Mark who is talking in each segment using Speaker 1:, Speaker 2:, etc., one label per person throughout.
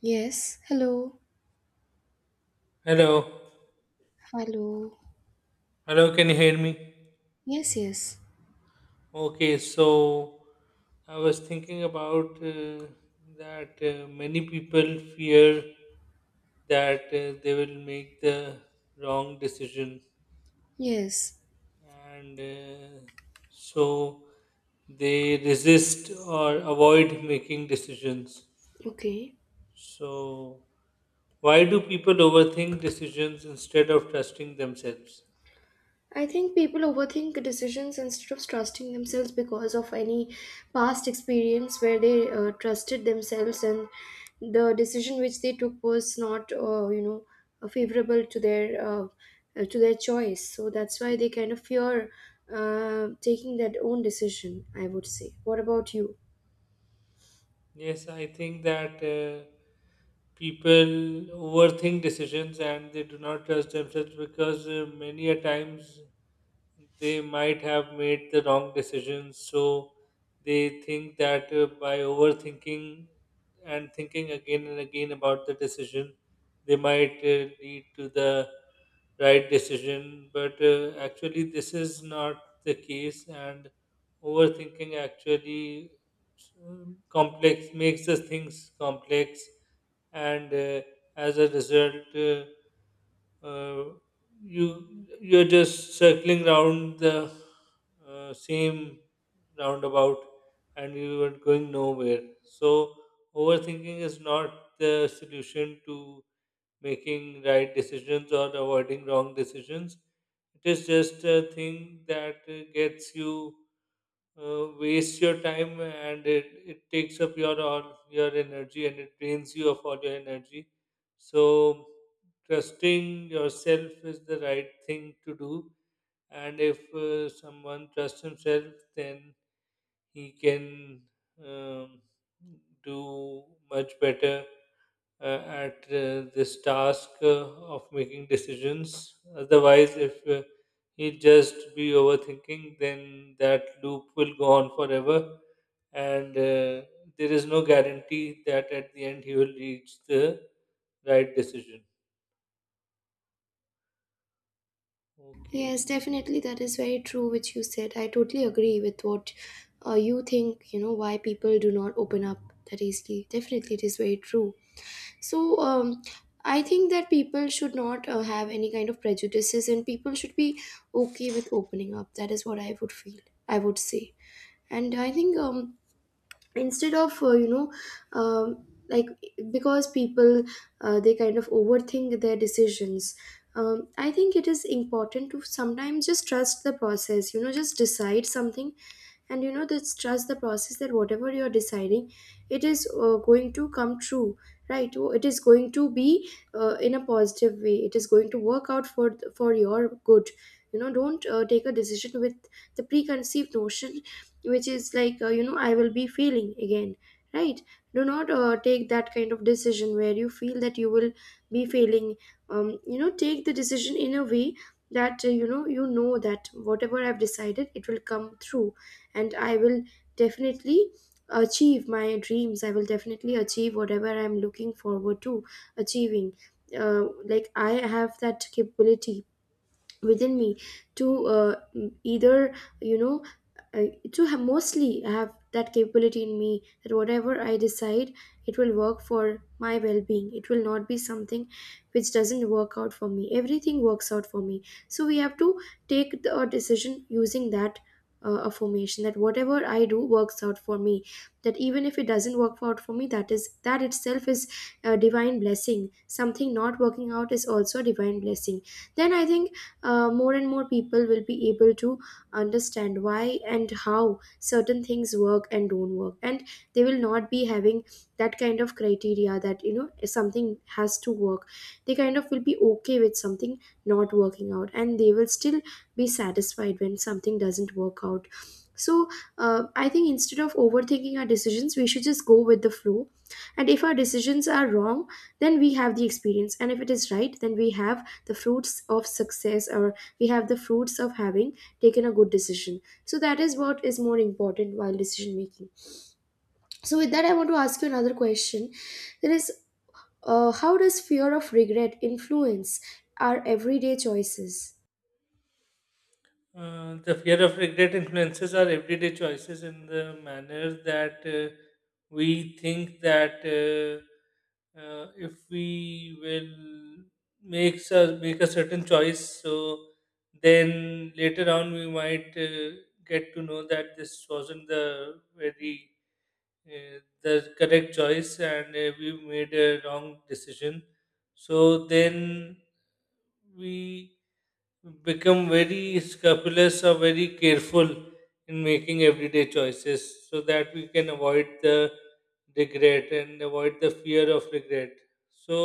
Speaker 1: Yes, hello,
Speaker 2: Hello.
Speaker 1: hello.
Speaker 2: Hello, can you hear me?
Speaker 1: Yes, yes,
Speaker 2: Okay, so I was thinking about that many people fear that they will make the wrong decision
Speaker 1: yes.
Speaker 2: and so they resist or avoid making decisions.
Speaker 1: Okay.
Speaker 2: So, why do people overthink decisions instead of trusting themselves?
Speaker 1: I think people overthink decisions instead of trusting themselves because of any past experience where they trusted themselves and the decision which they took was not favorable to their choice. So that's why they kind of fear taking that own decision, I would say. What about you?
Speaker 2: Yes, I think that people overthink decisions and they do not trust themselves because many a times they might have made the wrong decisions. So they think that by overthinking and thinking again and again about the decision, they might lead to the right decision. But actually, this is not the case, and overthinking actually complex makes the things complex, and as a result. Uh, you're just circling round the same roundabout and you are going nowhere, so overthinking is not the solution to making right decisions or avoiding wrong decisions. It is just a thing that gets you wastes your time and it takes up your all your energy and it drains you of all your energy. So trusting yourself is the right thing to do. And if someone trusts himself, then he can um, do much better at this task of making decisions. Otherwise, if he just be overthinking, then that loop will go on forever, and there is no guarantee that at the end he will reach the right decision. Okay.
Speaker 1: Yes, definitely, that is very true, which you said. I totally agree with what you think, you know, why people do not open up that easily. Definitely, it is very true. So, I think that people should not have any kind of prejudices, and people should be okay with opening up. That is what I would feel, I would say. And I think, instead of um, like because people, they kind of overthink their decisions. I think it is important to sometimes just trust the process, you know, just decide something, and you know, this trust the process that whatever you're deciding, it is going to come true, right? Oh, it is going to be in a positive way, it is going to work out for your good. You know, don't take a decision with the preconceived notion, which is like, I will be failing again, right? Do not take that kind of decision where you feel that you will be failing. You know, take the decision in a way that, you know that whatever I've decided, it will come through, and I will definitely achieve my dreams. I will definitely achieve whatever I'm looking forward to achieving. Like, I have that capability within me to, either you know uh, to have mostly have that capability in me that whatever I decide, it will work for my well-being. It will not be something which doesn't work out for me. Everything works out for me. So we have to take a decision using that affirmation that whatever I do works out for me, that even if it doesn't work out for me, that itself is a divine blessing. Something not working out is also a divine blessing. Then I think more and more people will be able to understand why and how certain things work and don't work, and they will not be having that kind of criteria that, you know, something has to work. They kind of will be okay with something not working out, and they will still be satisfied when something doesn't work out. So I think instead of overthinking our decisions, we should just go with the flow. And if our decisions are wrong, then we have the experience, and if it is right, then we have the fruits of success, or we have the fruits of having taken a good decision. So that is what is more important while decision making. So with that, I want to ask you another question, that is, how does fear of regret influence our everyday choices?
Speaker 2: The fear of regret influences our everyday choices in the manner that we think that if we will make a certain choice, so then later on we might get to know that this wasn't the very the correct choice and we made a wrong decision. So then we become very scrupulous or very careful in making everyday choices so that we can avoid the regret and avoid the fear of regret. So,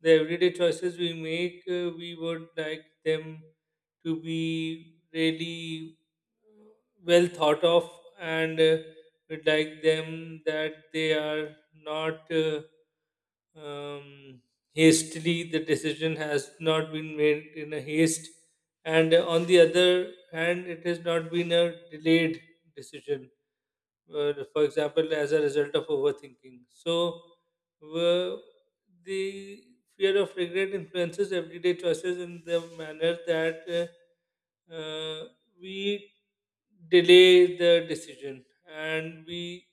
Speaker 2: the everyday choices we make, we would like them to be really well thought of and we'd like them that they are not. um, hastily. The decision has not been made in a haste, and on the other hand, it has not been a delayed decision for example, as a result of overthinking. So, uh, the fear of regret influences everyday choices in the manner that uh, uh, we delay the decision and we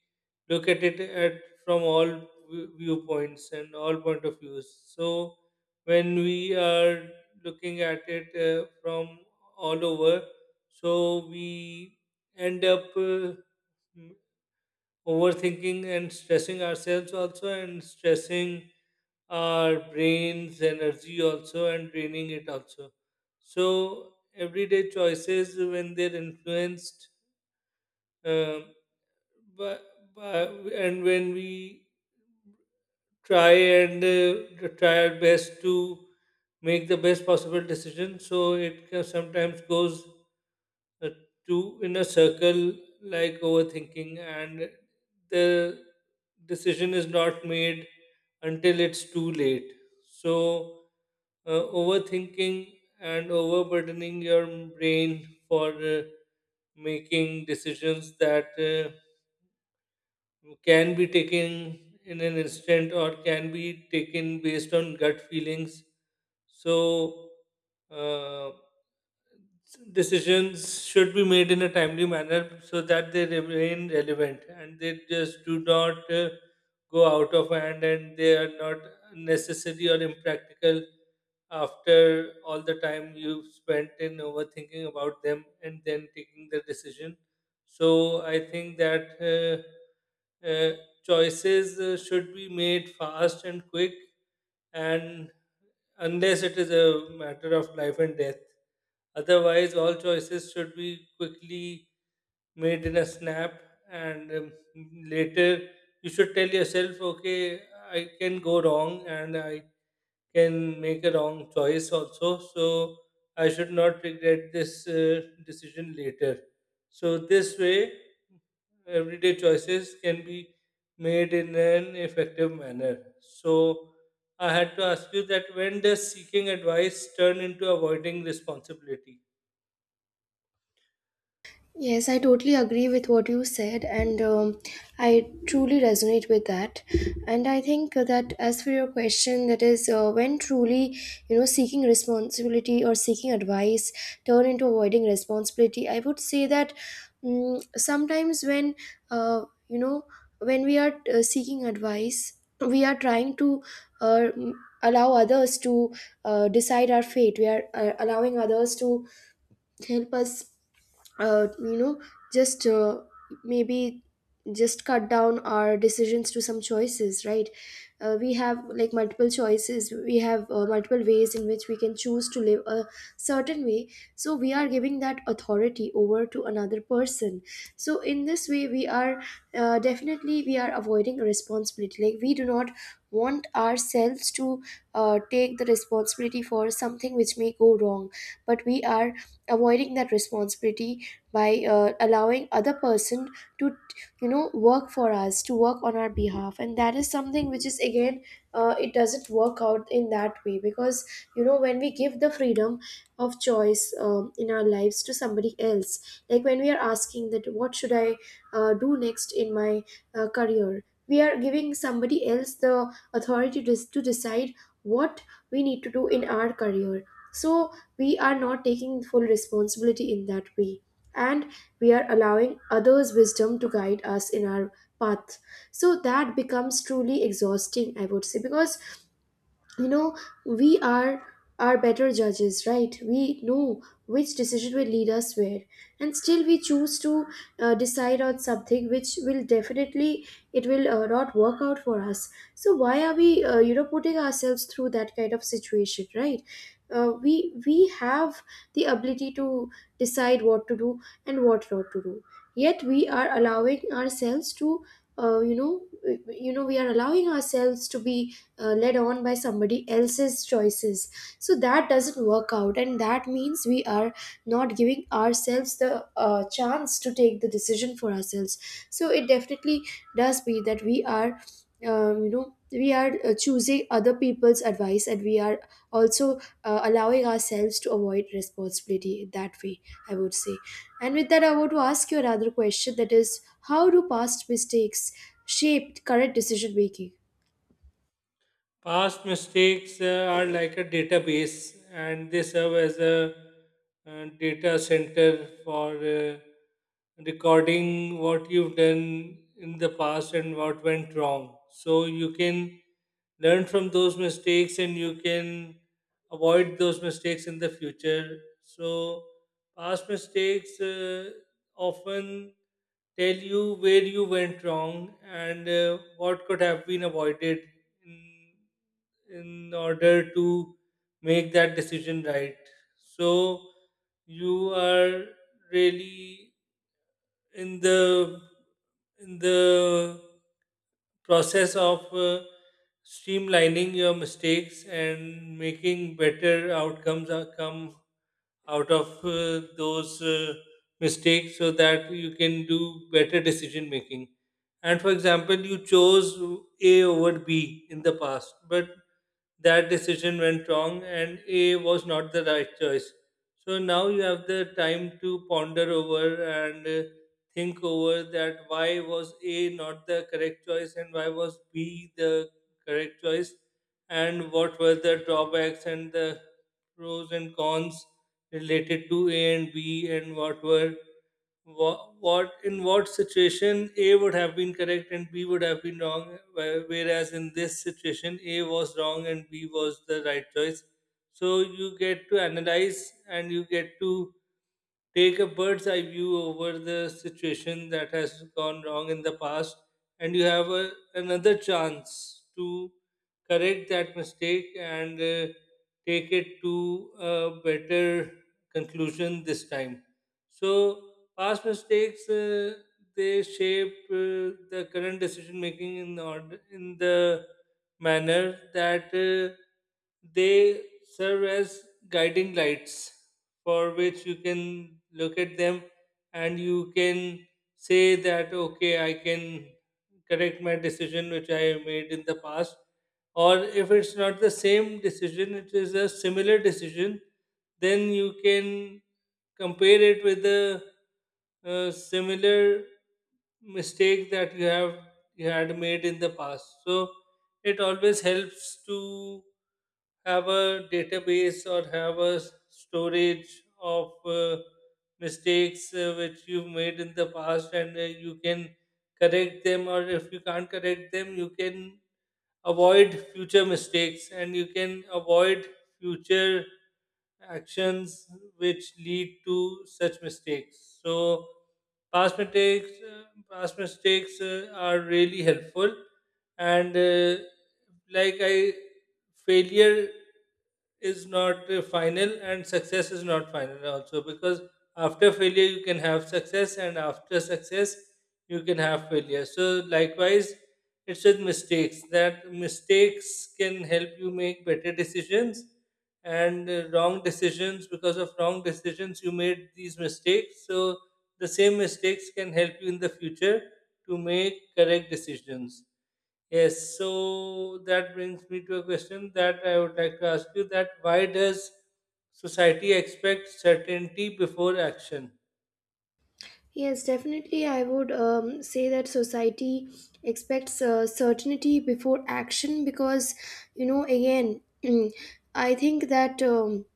Speaker 2: look at it at from all viewpoints and all point of views. So, when we are looking at it from all over, so we end up overthinking and stressing ourselves also and stressing our brain's energy also and draining it also, so everyday choices, when they're influenced um, by, by, and when we try and try our best to make the best possible decision, so it can sometimes goes uh, two in a circle, like overthinking and the decision is not made until it's too late. So uh, overthinking and overburdening your brain for making decisions that can be taken in an instant or can be taken based on gut feelings. So uh, decisions should be made in a timely manner so that they remain relevant and they just do not go out of hand and they are not necessary or impractical after all the time you've spent in overthinking about them and then taking the decision. So I think that uh, uh, choices should be made fast and quick, and unless it is a matter of life and death. Otherwise, all choices should be quickly made in a snap, and later you should tell yourself, okay, I can go wrong and I can make a wrong choice also. So I should not regret this decision later. So this way, everyday choices can be made in an effective manner. So I had to ask you that when does seeking advice turn into avoiding responsibility?
Speaker 1: Yes, I totally agree with what you said, and, I truly resonate with that. And I think that, as for your question, that is, when truly, you know, seeking responsibility or seeking advice turn into avoiding responsibility, I would say that, mm, sometimes when, uh, you know, when we are seeking advice, we are trying to. Uh, m- Allow others to decide our fate. We are allowing others to help us, you know just maybe just cut down our decisions to some choices, right? We have like multiple choices, we have multiple ways in which we can choose to live a certain way. So we are giving that authority over to another person. So in this way, we are definitely, we are avoiding a responsibility. Like, we do not want ourselves to take the responsibility for something which may go wrong. But we are avoiding that responsibility by allowing other person to, you know, work for us, to work on our behalf. And that is something which is again, it doesn't work out in that way. Because you know, when we give the freedom of choice, in our lives to somebody else, like when we are asking that what should I do next in my career, we are giving somebody else the authority to decide what we need to do in our career. So we are not taking full responsibility in that way, and we are allowing others' wisdom to guide us in our path. So that becomes truly exhausting, I would say, because, you know, we are better judges, right? We know which decision will lead us where, and still we choose to decide on something which will definitely, it will not work out for us. So why are we, putting ourselves through that kind of situation, right? We have the ability to decide what to do and what not to do, yet we are allowing ourselves to, uh, you know we are allowing ourselves to be led on by somebody else's choices. So that doesn't work out, and that means we are not giving ourselves the chance to take the decision for ourselves. So it definitely does be that we are, we are choosing other people's advice, and we are also allowing ourselves to avoid responsibility that way, I would say. And with that, I want to ask you another question, that is, how do past mistakes shape current decision making?
Speaker 2: Past mistakes are like a database and they serve as a data center for recording what you've done in the past and what went wrong. So you can learn from those mistakes and you can avoid those mistakes in the future. So past mistakes often tell you where you went wrong and what could have been avoided in in order to make that decision right. So you are really in the in the process of streamlining your mistakes and making better outcomes are come out of those mistakes so that you can do better decision making. And for example, you chose A over B in the past, but that decision went wrong and A was not the right choice. So now you have the time to ponder over and think over that why was A not the correct choice and why was B the correct choice, and what were the drawbacks and the pros and cons related to A and B, and what were what in what situation A would have been correct and B would have been wrong, whereas in this situation A was wrong and B was the right choice. So you get to analyze and you get to take a bird's eye view over the situation that has gone wrong in the past, and you have another chance to correct that mistake and take it to a better conclusion this time. So past mistakes they shape the current decision making in order in the manner that they serve as guiding lights for which you can look at them and you can say that okay, I can correct my decision which I made in the past, or if it's not the same decision, it is a similar decision, then you can compare it with a similar mistake that you had made in the past. So it always helps to have a database or have a storage of mistakes which you've made in the past, and you can correct them, or if you can't correct them, you can avoid future mistakes and you can avoid future actions which lead to such mistakes. So past mistakes uh, past mistakes are really helpful, and like I failure is not final and success is not final also, because after failure you can have success and after success you can have failure. So likewise, it's with mistakes that mistakes can help you make better decisions and wrong decisions because of wrong decisions you made these mistakes, so the same mistakes can help you in the future to make correct decisions. Yes, so that brings me to a question that I would like to ask you: that why does society expect certainty before action?
Speaker 1: Yes, definitely. I would, say that society expects certainty before action because, you know, again, I think that. Um,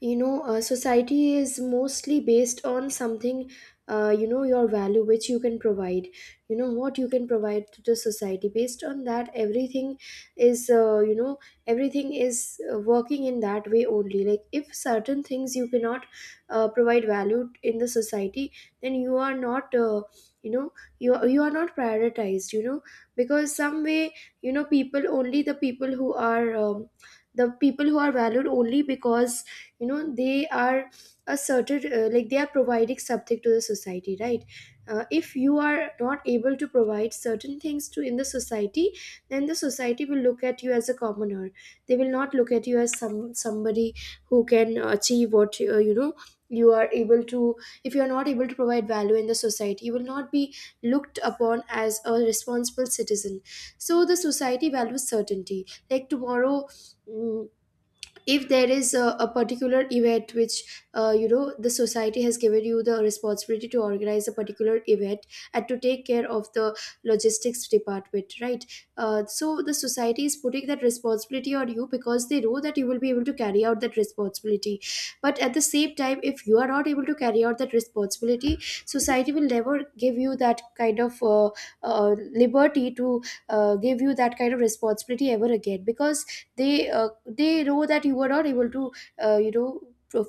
Speaker 1: you know, society is mostly based on something, your value which you can provide. You know, what you can provide to the society, based on that, everything is, everything is working in that way only. Like if certain things you cannot provide value in the society, then you are not, you know you are not prioritized, you know. Because some way, you know, people only, the people who are, the people who are valued only because, you know, they are a certain, like, they are providing something to the society, right? If you are not able to provide certain things to in the society, then the society will look at you as a commoner. They will not look at you as somebody who can achieve what, you are able to. If you are not able to provide value in the society, you will not be looked upon as a responsible citizen. So the society values certainty. Like tomorrow, mm, if there is a particular event which, the society has given you the responsibility to organize a particular event and to take care of the logistics department, right? So the society is putting that responsibility on you because they know that you will be able to carry out that responsibility. But at the same time, if you are not able to carry out that responsibility, society will never give you that kind of uh, liberty to give you that kind of responsibility ever again, because they know that you were not able to, uh, you know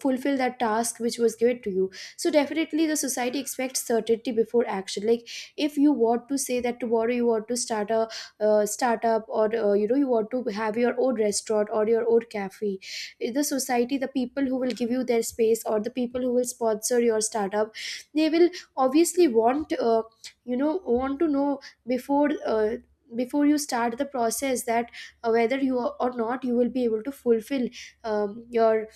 Speaker 1: fulfill that task which was given to you. So definitely, the society expects certainty before action. Like, if you want to say that tomorrow you want to start a startup, or, you want to have your own restaurant or your own cafe, eh, the society, the people who will give you their space, or the people who will sponsor your startup, they will obviously want, want to know before before you start the process that, whether you or not you will be able to fulfill, your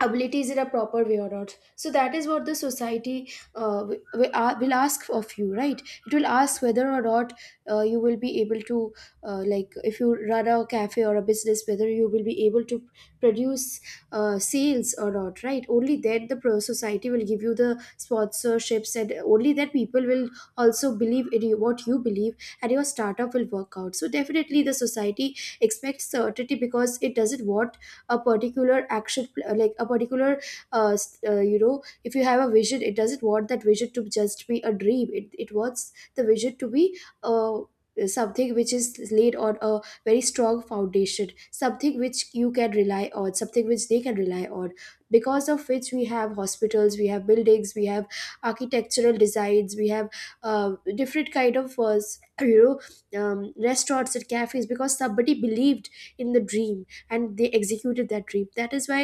Speaker 1: abilities in a proper way or not. So that is what the society will ask of you, right? It will ask whether or not you will be able to like, if you run a cafe or a business, whether you will be able to produce sales or not, right? Only then the pro society will give you the sponsorships, and only then people will also believe in you, what you believe, and your startup will work out. So definitely, the society expects certainty, because it doesn't want a particular action, like a particular, if you have a vision, it doesn't want that vision to just be a dream. It wants the vision to be something which is laid on a very strong foundation, something which you can rely on something which they can rely on, because of which we have hospitals, we have buildings, we have architectural designs, we have different kind of restaurants and cafes because somebody believed in the dream and they executed that dream. That is why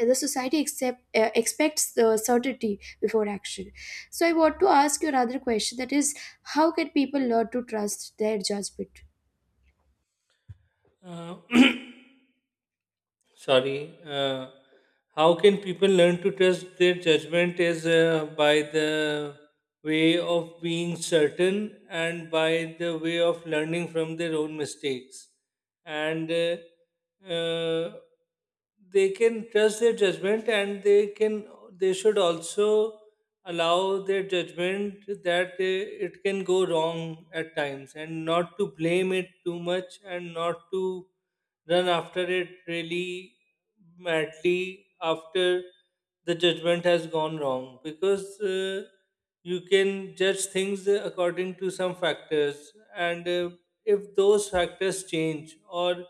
Speaker 1: the society expects the certainty before action. So I want to ask you another question, that is, how can people learn to trust their judgment?
Speaker 2: uh, Sorry. How can people learn to trust their judgment is by the way of being certain and by the way of learning from their own mistakes, and uh, they can trust their judgment and they should also allow their judgment that it can go wrong at times and not to blame it too much and not to run after it really madly after the judgment has gone wrong, because you can judge things according to some factors, and if those factors change or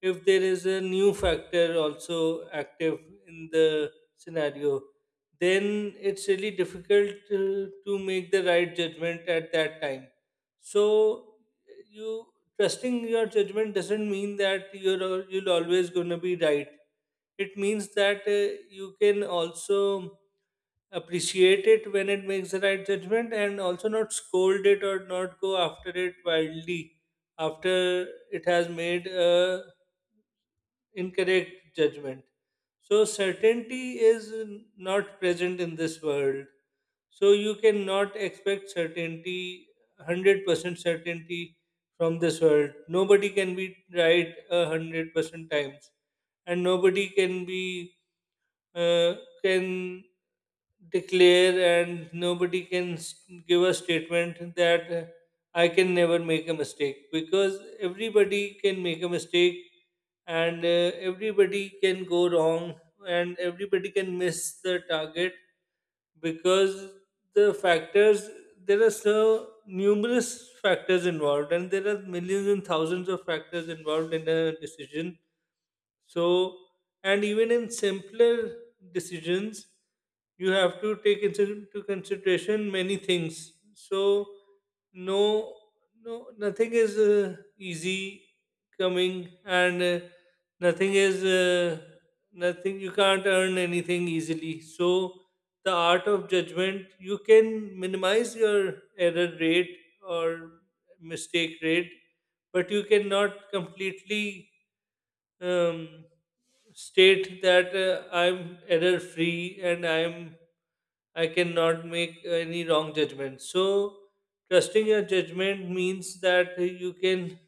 Speaker 2: if there is a new factor also active in the scenario, then it's really difficult to make the right judgment at that time. So you trusting your judgment doesn't mean that you're you'll always going to be right. It means that you can also appreciate it when it makes the right judgment and also not scold it or not go after it wildly after it has made a incorrect judgment. So certainty is not present in this world, so you cannot expect certainty, 100% certainty from this world. Nobody can be right a 100% times, and nobody can be uh, can declare and nobody can give a statement that I can never make a mistake, because everybody can make a mistake, and everybody can go wrong and everybody can miss the target, because the factors there are so numerous factors involved and there are millions and thousands of factors involved in a decision. So, and even in simpler decisions, you have to take into consideration many things. So, no, no, nothing is easy coming, and nothing is uh, nothing. You can't earn anything easily. So, the art of judgment, you can minimize your error rate or mistake rate, but you cannot completely um, state that I'm error free and I cannot make any wrong judgment. So trusting your judgment means that you can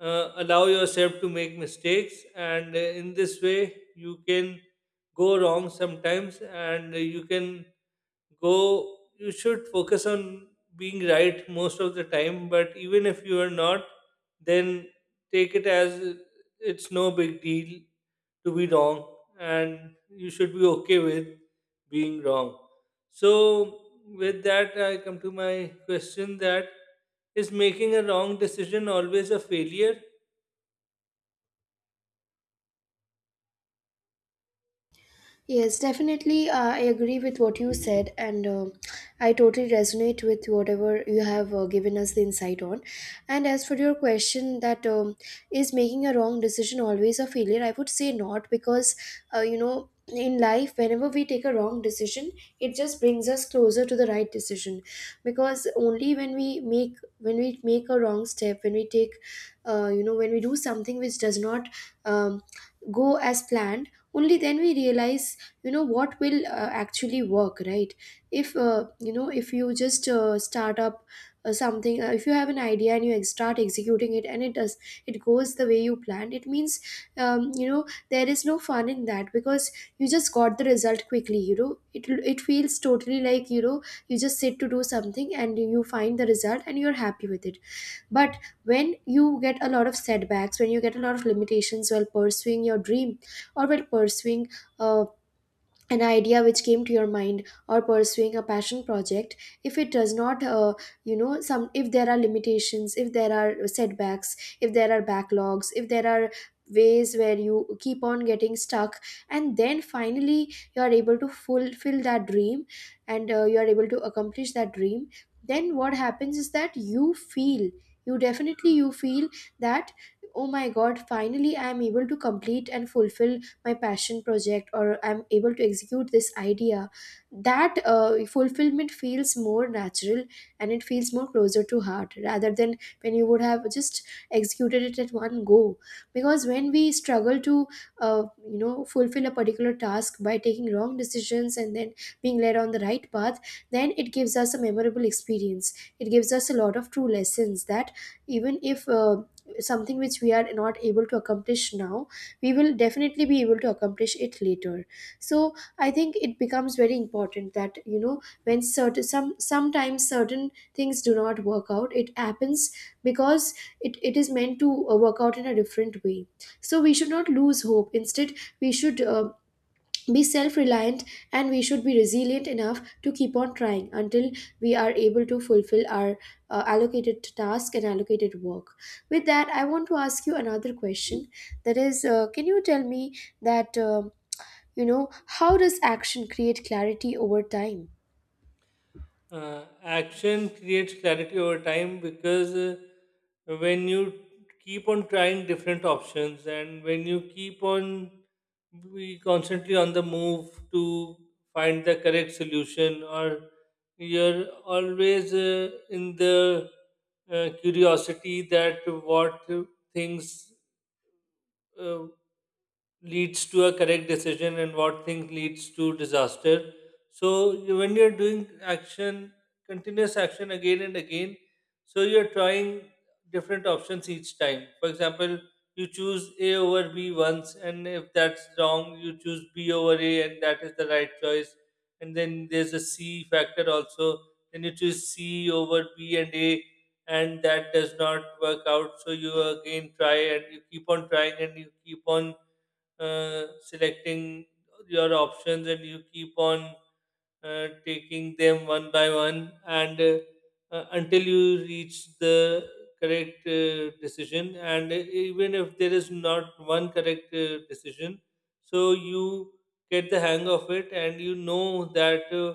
Speaker 2: allow yourself to make mistakes, and in this way you can go wrong sometimes, and you can go you should focus on being right most of the time. But even if you are not, then take it as it's no big deal to be wrong, and you should be okay with being wrong. So with that, I come to my question: that is making a wrong decision always a failure?
Speaker 1: Yes, definitely. I agree with what you said, and I totally resonate with whatever you have given us the insight on. And as for your question, that is making a wrong decision always a failure? I would say not, because you know, in life, whenever we take a wrong decision, it just brings us closer to the right decision. Because only when we make a wrong step, when we take, you know, when we do something which does not um, go as planned, only then we realize, you know, what will actually work. Right, if you know, if you just start up something, if you have an idea and you start executing it, and it does, it goes the way you planned, it means you know, there is no fun in that because you just got the result quickly, you know it, it feels totally like, you know, you just sit to do something and you find the result and you're happy with it. But when you get a lot of setbacks, when you get a lot of limitations while pursuing your dream, or while pursuing uh, an idea which came to your mind, or pursuing a passion project, if it does not you know, some, if there are limitations, if there are setbacks, if there are backlogs, if there are ways where you keep on getting stuck, and then finally you are able to fulfill that dream, and you are able to accomplish that dream, then what happens is that you feel, you definitely you feel that, oh my god, finally I am able to complete and fulfill my passion project, or I'm able to execute this idea. That fulfillment feels more natural, and it feels more closer to heart rather than when you would have just executed it at one go. Because when we struggle to uh, you know, fulfill a particular task by taking wrong decisions and then being led on the right path, then it gives us a memorable experience. It gives us a lot of true lessons that even if something which we are not able to accomplish now, we will definitely be able to accomplish it later. So I think it becomes very important that, you know, when certain some sometimes certain things do not work out, it happens because it is meant to work out in a different way. So we should not lose hope, instead we should be self reliant, and we should be resilient enough to keep on trying until we are able to fulfill our allocated task and allocated work. With that, I want to ask you another question, that is, can you tell me that you know how does action create clarity over time?
Speaker 2: Action creates clarity over time because when you keep on trying different options, and when you keep on be constantly on the move to find the correct solution, or you're always in the curiosity that what things uh, leads to a correct decision and what thing leads to disaster. So when you're doing action, continuous action again and again, so you're trying different options each time. For example, you choose A over B once, and if that's wrong, you choose B over A, and that is the right choice. And then there's a C factor also. Then you choose C over B and A, and that does not work out. So you again try, and you keep on trying, and you keep on selecting your options, and you keep on taking them one by one, and until you reach the correct decision. And even if there is not one correct decision, so you get the hang of it, and you know that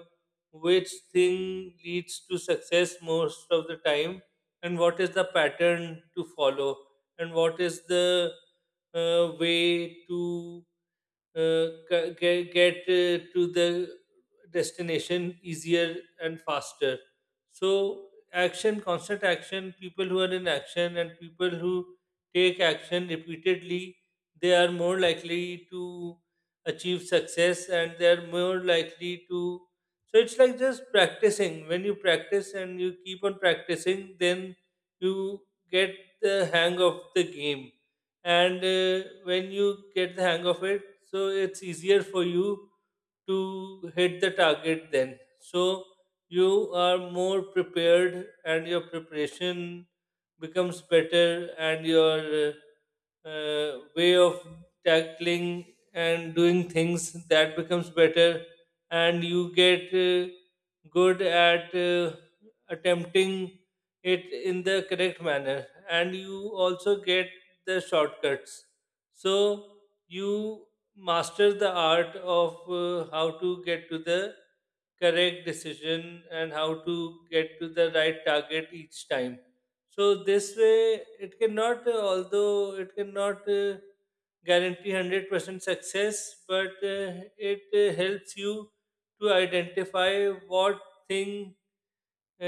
Speaker 2: which thing leads to success most of the time, and what is the pattern to follow, and what is the way to get to the destination easier and faster. So action, constant action, people who are in action and people who take action repeatedly, they are more likely to achieve success, and they are more likely to. So it's like just practicing. When you practice and you keep on practicing, then you get the hang of the game, and when you get the hang of it, so it's easier for you to hit the target then. So you are more prepared, and your preparation becomes better, and your way of tackling and doing things, that becomes better, and you get good at attempting it in the correct manner, and you also get the shortcuts. So you master the art of how to get to the correct decision and how to get to the right target each time. So this way it cannot although it cannot guarantee 100% success, but it helps you to identify what thing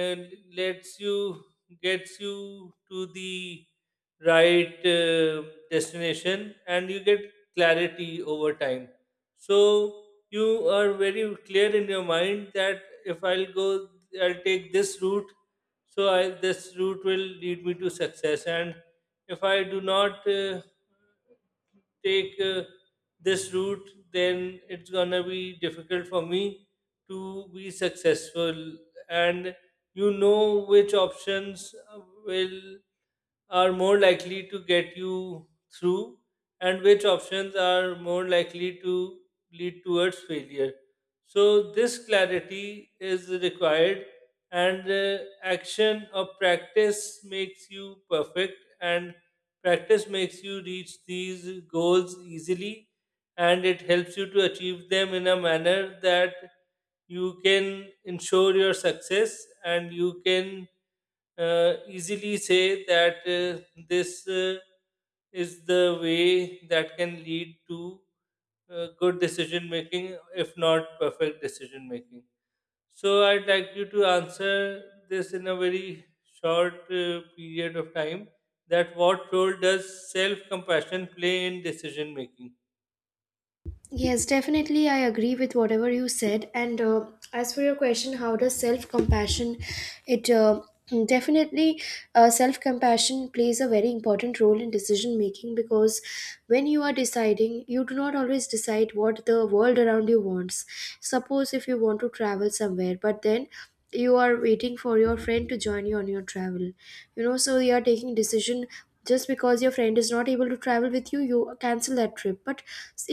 Speaker 2: and lets you gets you to the right destination, and you get clarity over time. So you are very clear in your mind that if I'll go, I'll take this route, so this route will lead me to success, and if I do not take this route, then it's gonna be difficult for me to be successful. And you know which options will are more likely to get you through, and which options are more likely to lead towards failure. So, this clarity is required, and action or practice makes you perfect, and practice makes you reach these goals easily, and it helps you to achieve them in a manner that you can ensure your success, and you can easily say that this is the way that can lead to good decision making, if not perfect decision making. So, I'd like you to answer this in a very short period of time: that what role does self compassion play in decision making?
Speaker 1: Yes, definitely. I agree with whatever you said. And as for your question, how does self compassion? It definitely self compassion plays a very important role in decision making, because when you are deciding, you do not always decide what the world around you wants. Suppose if you want to travel somewhere, but then you are waiting for your friend to join you on your travel, you know, so you are taking decision, just because your friend is not able to travel with you, you cancel that trip. But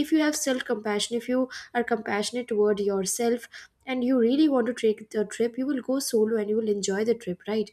Speaker 1: if you have self compassion, if you are compassionate toward yourself and you really want to take the trip, you will go solo and you will enjoy the trip, right?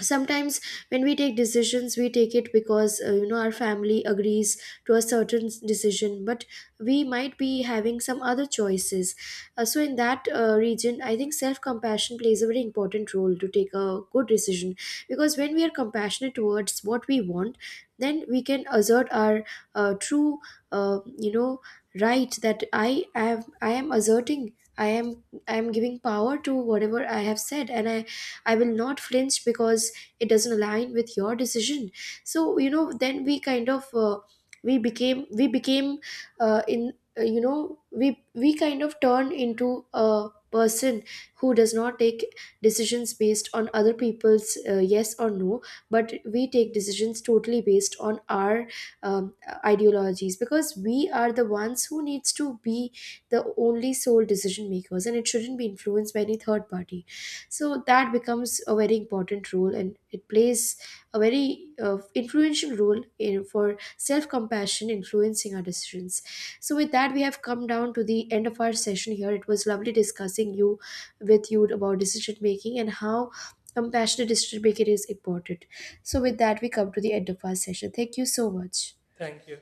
Speaker 1: Sometimes when we take decisions, we take it because you know, our family agrees to a certain decision, but we might be having some other choices. So in that region, I think self compassion plays a very important role to take a good decision, because when we are compassionate towards what we want, then we can assert our true uh, you know right, that I am asserting, i am I am giving power to whatever I have said, and I will not flinch because it doesn't align with your decision. So you know, then we kind of we became in you know we kind of turn into a person who does not take decisions based on other people's yes or no, but we take decisions totally based on our um, ideologies, because we are the ones who needs to be the only sole decision makers, and it shouldn't be influenced by any third party. So that becomes a very important role, and it plays a very influential role in, for self compassion influencing our decisions. So with that, we have come down to the end of our session here. It was lovely discussing you, with you, about decision making and how compassionate decision making is important. So with that, we come to the end of our session. Thank you so much.
Speaker 2: Thank you.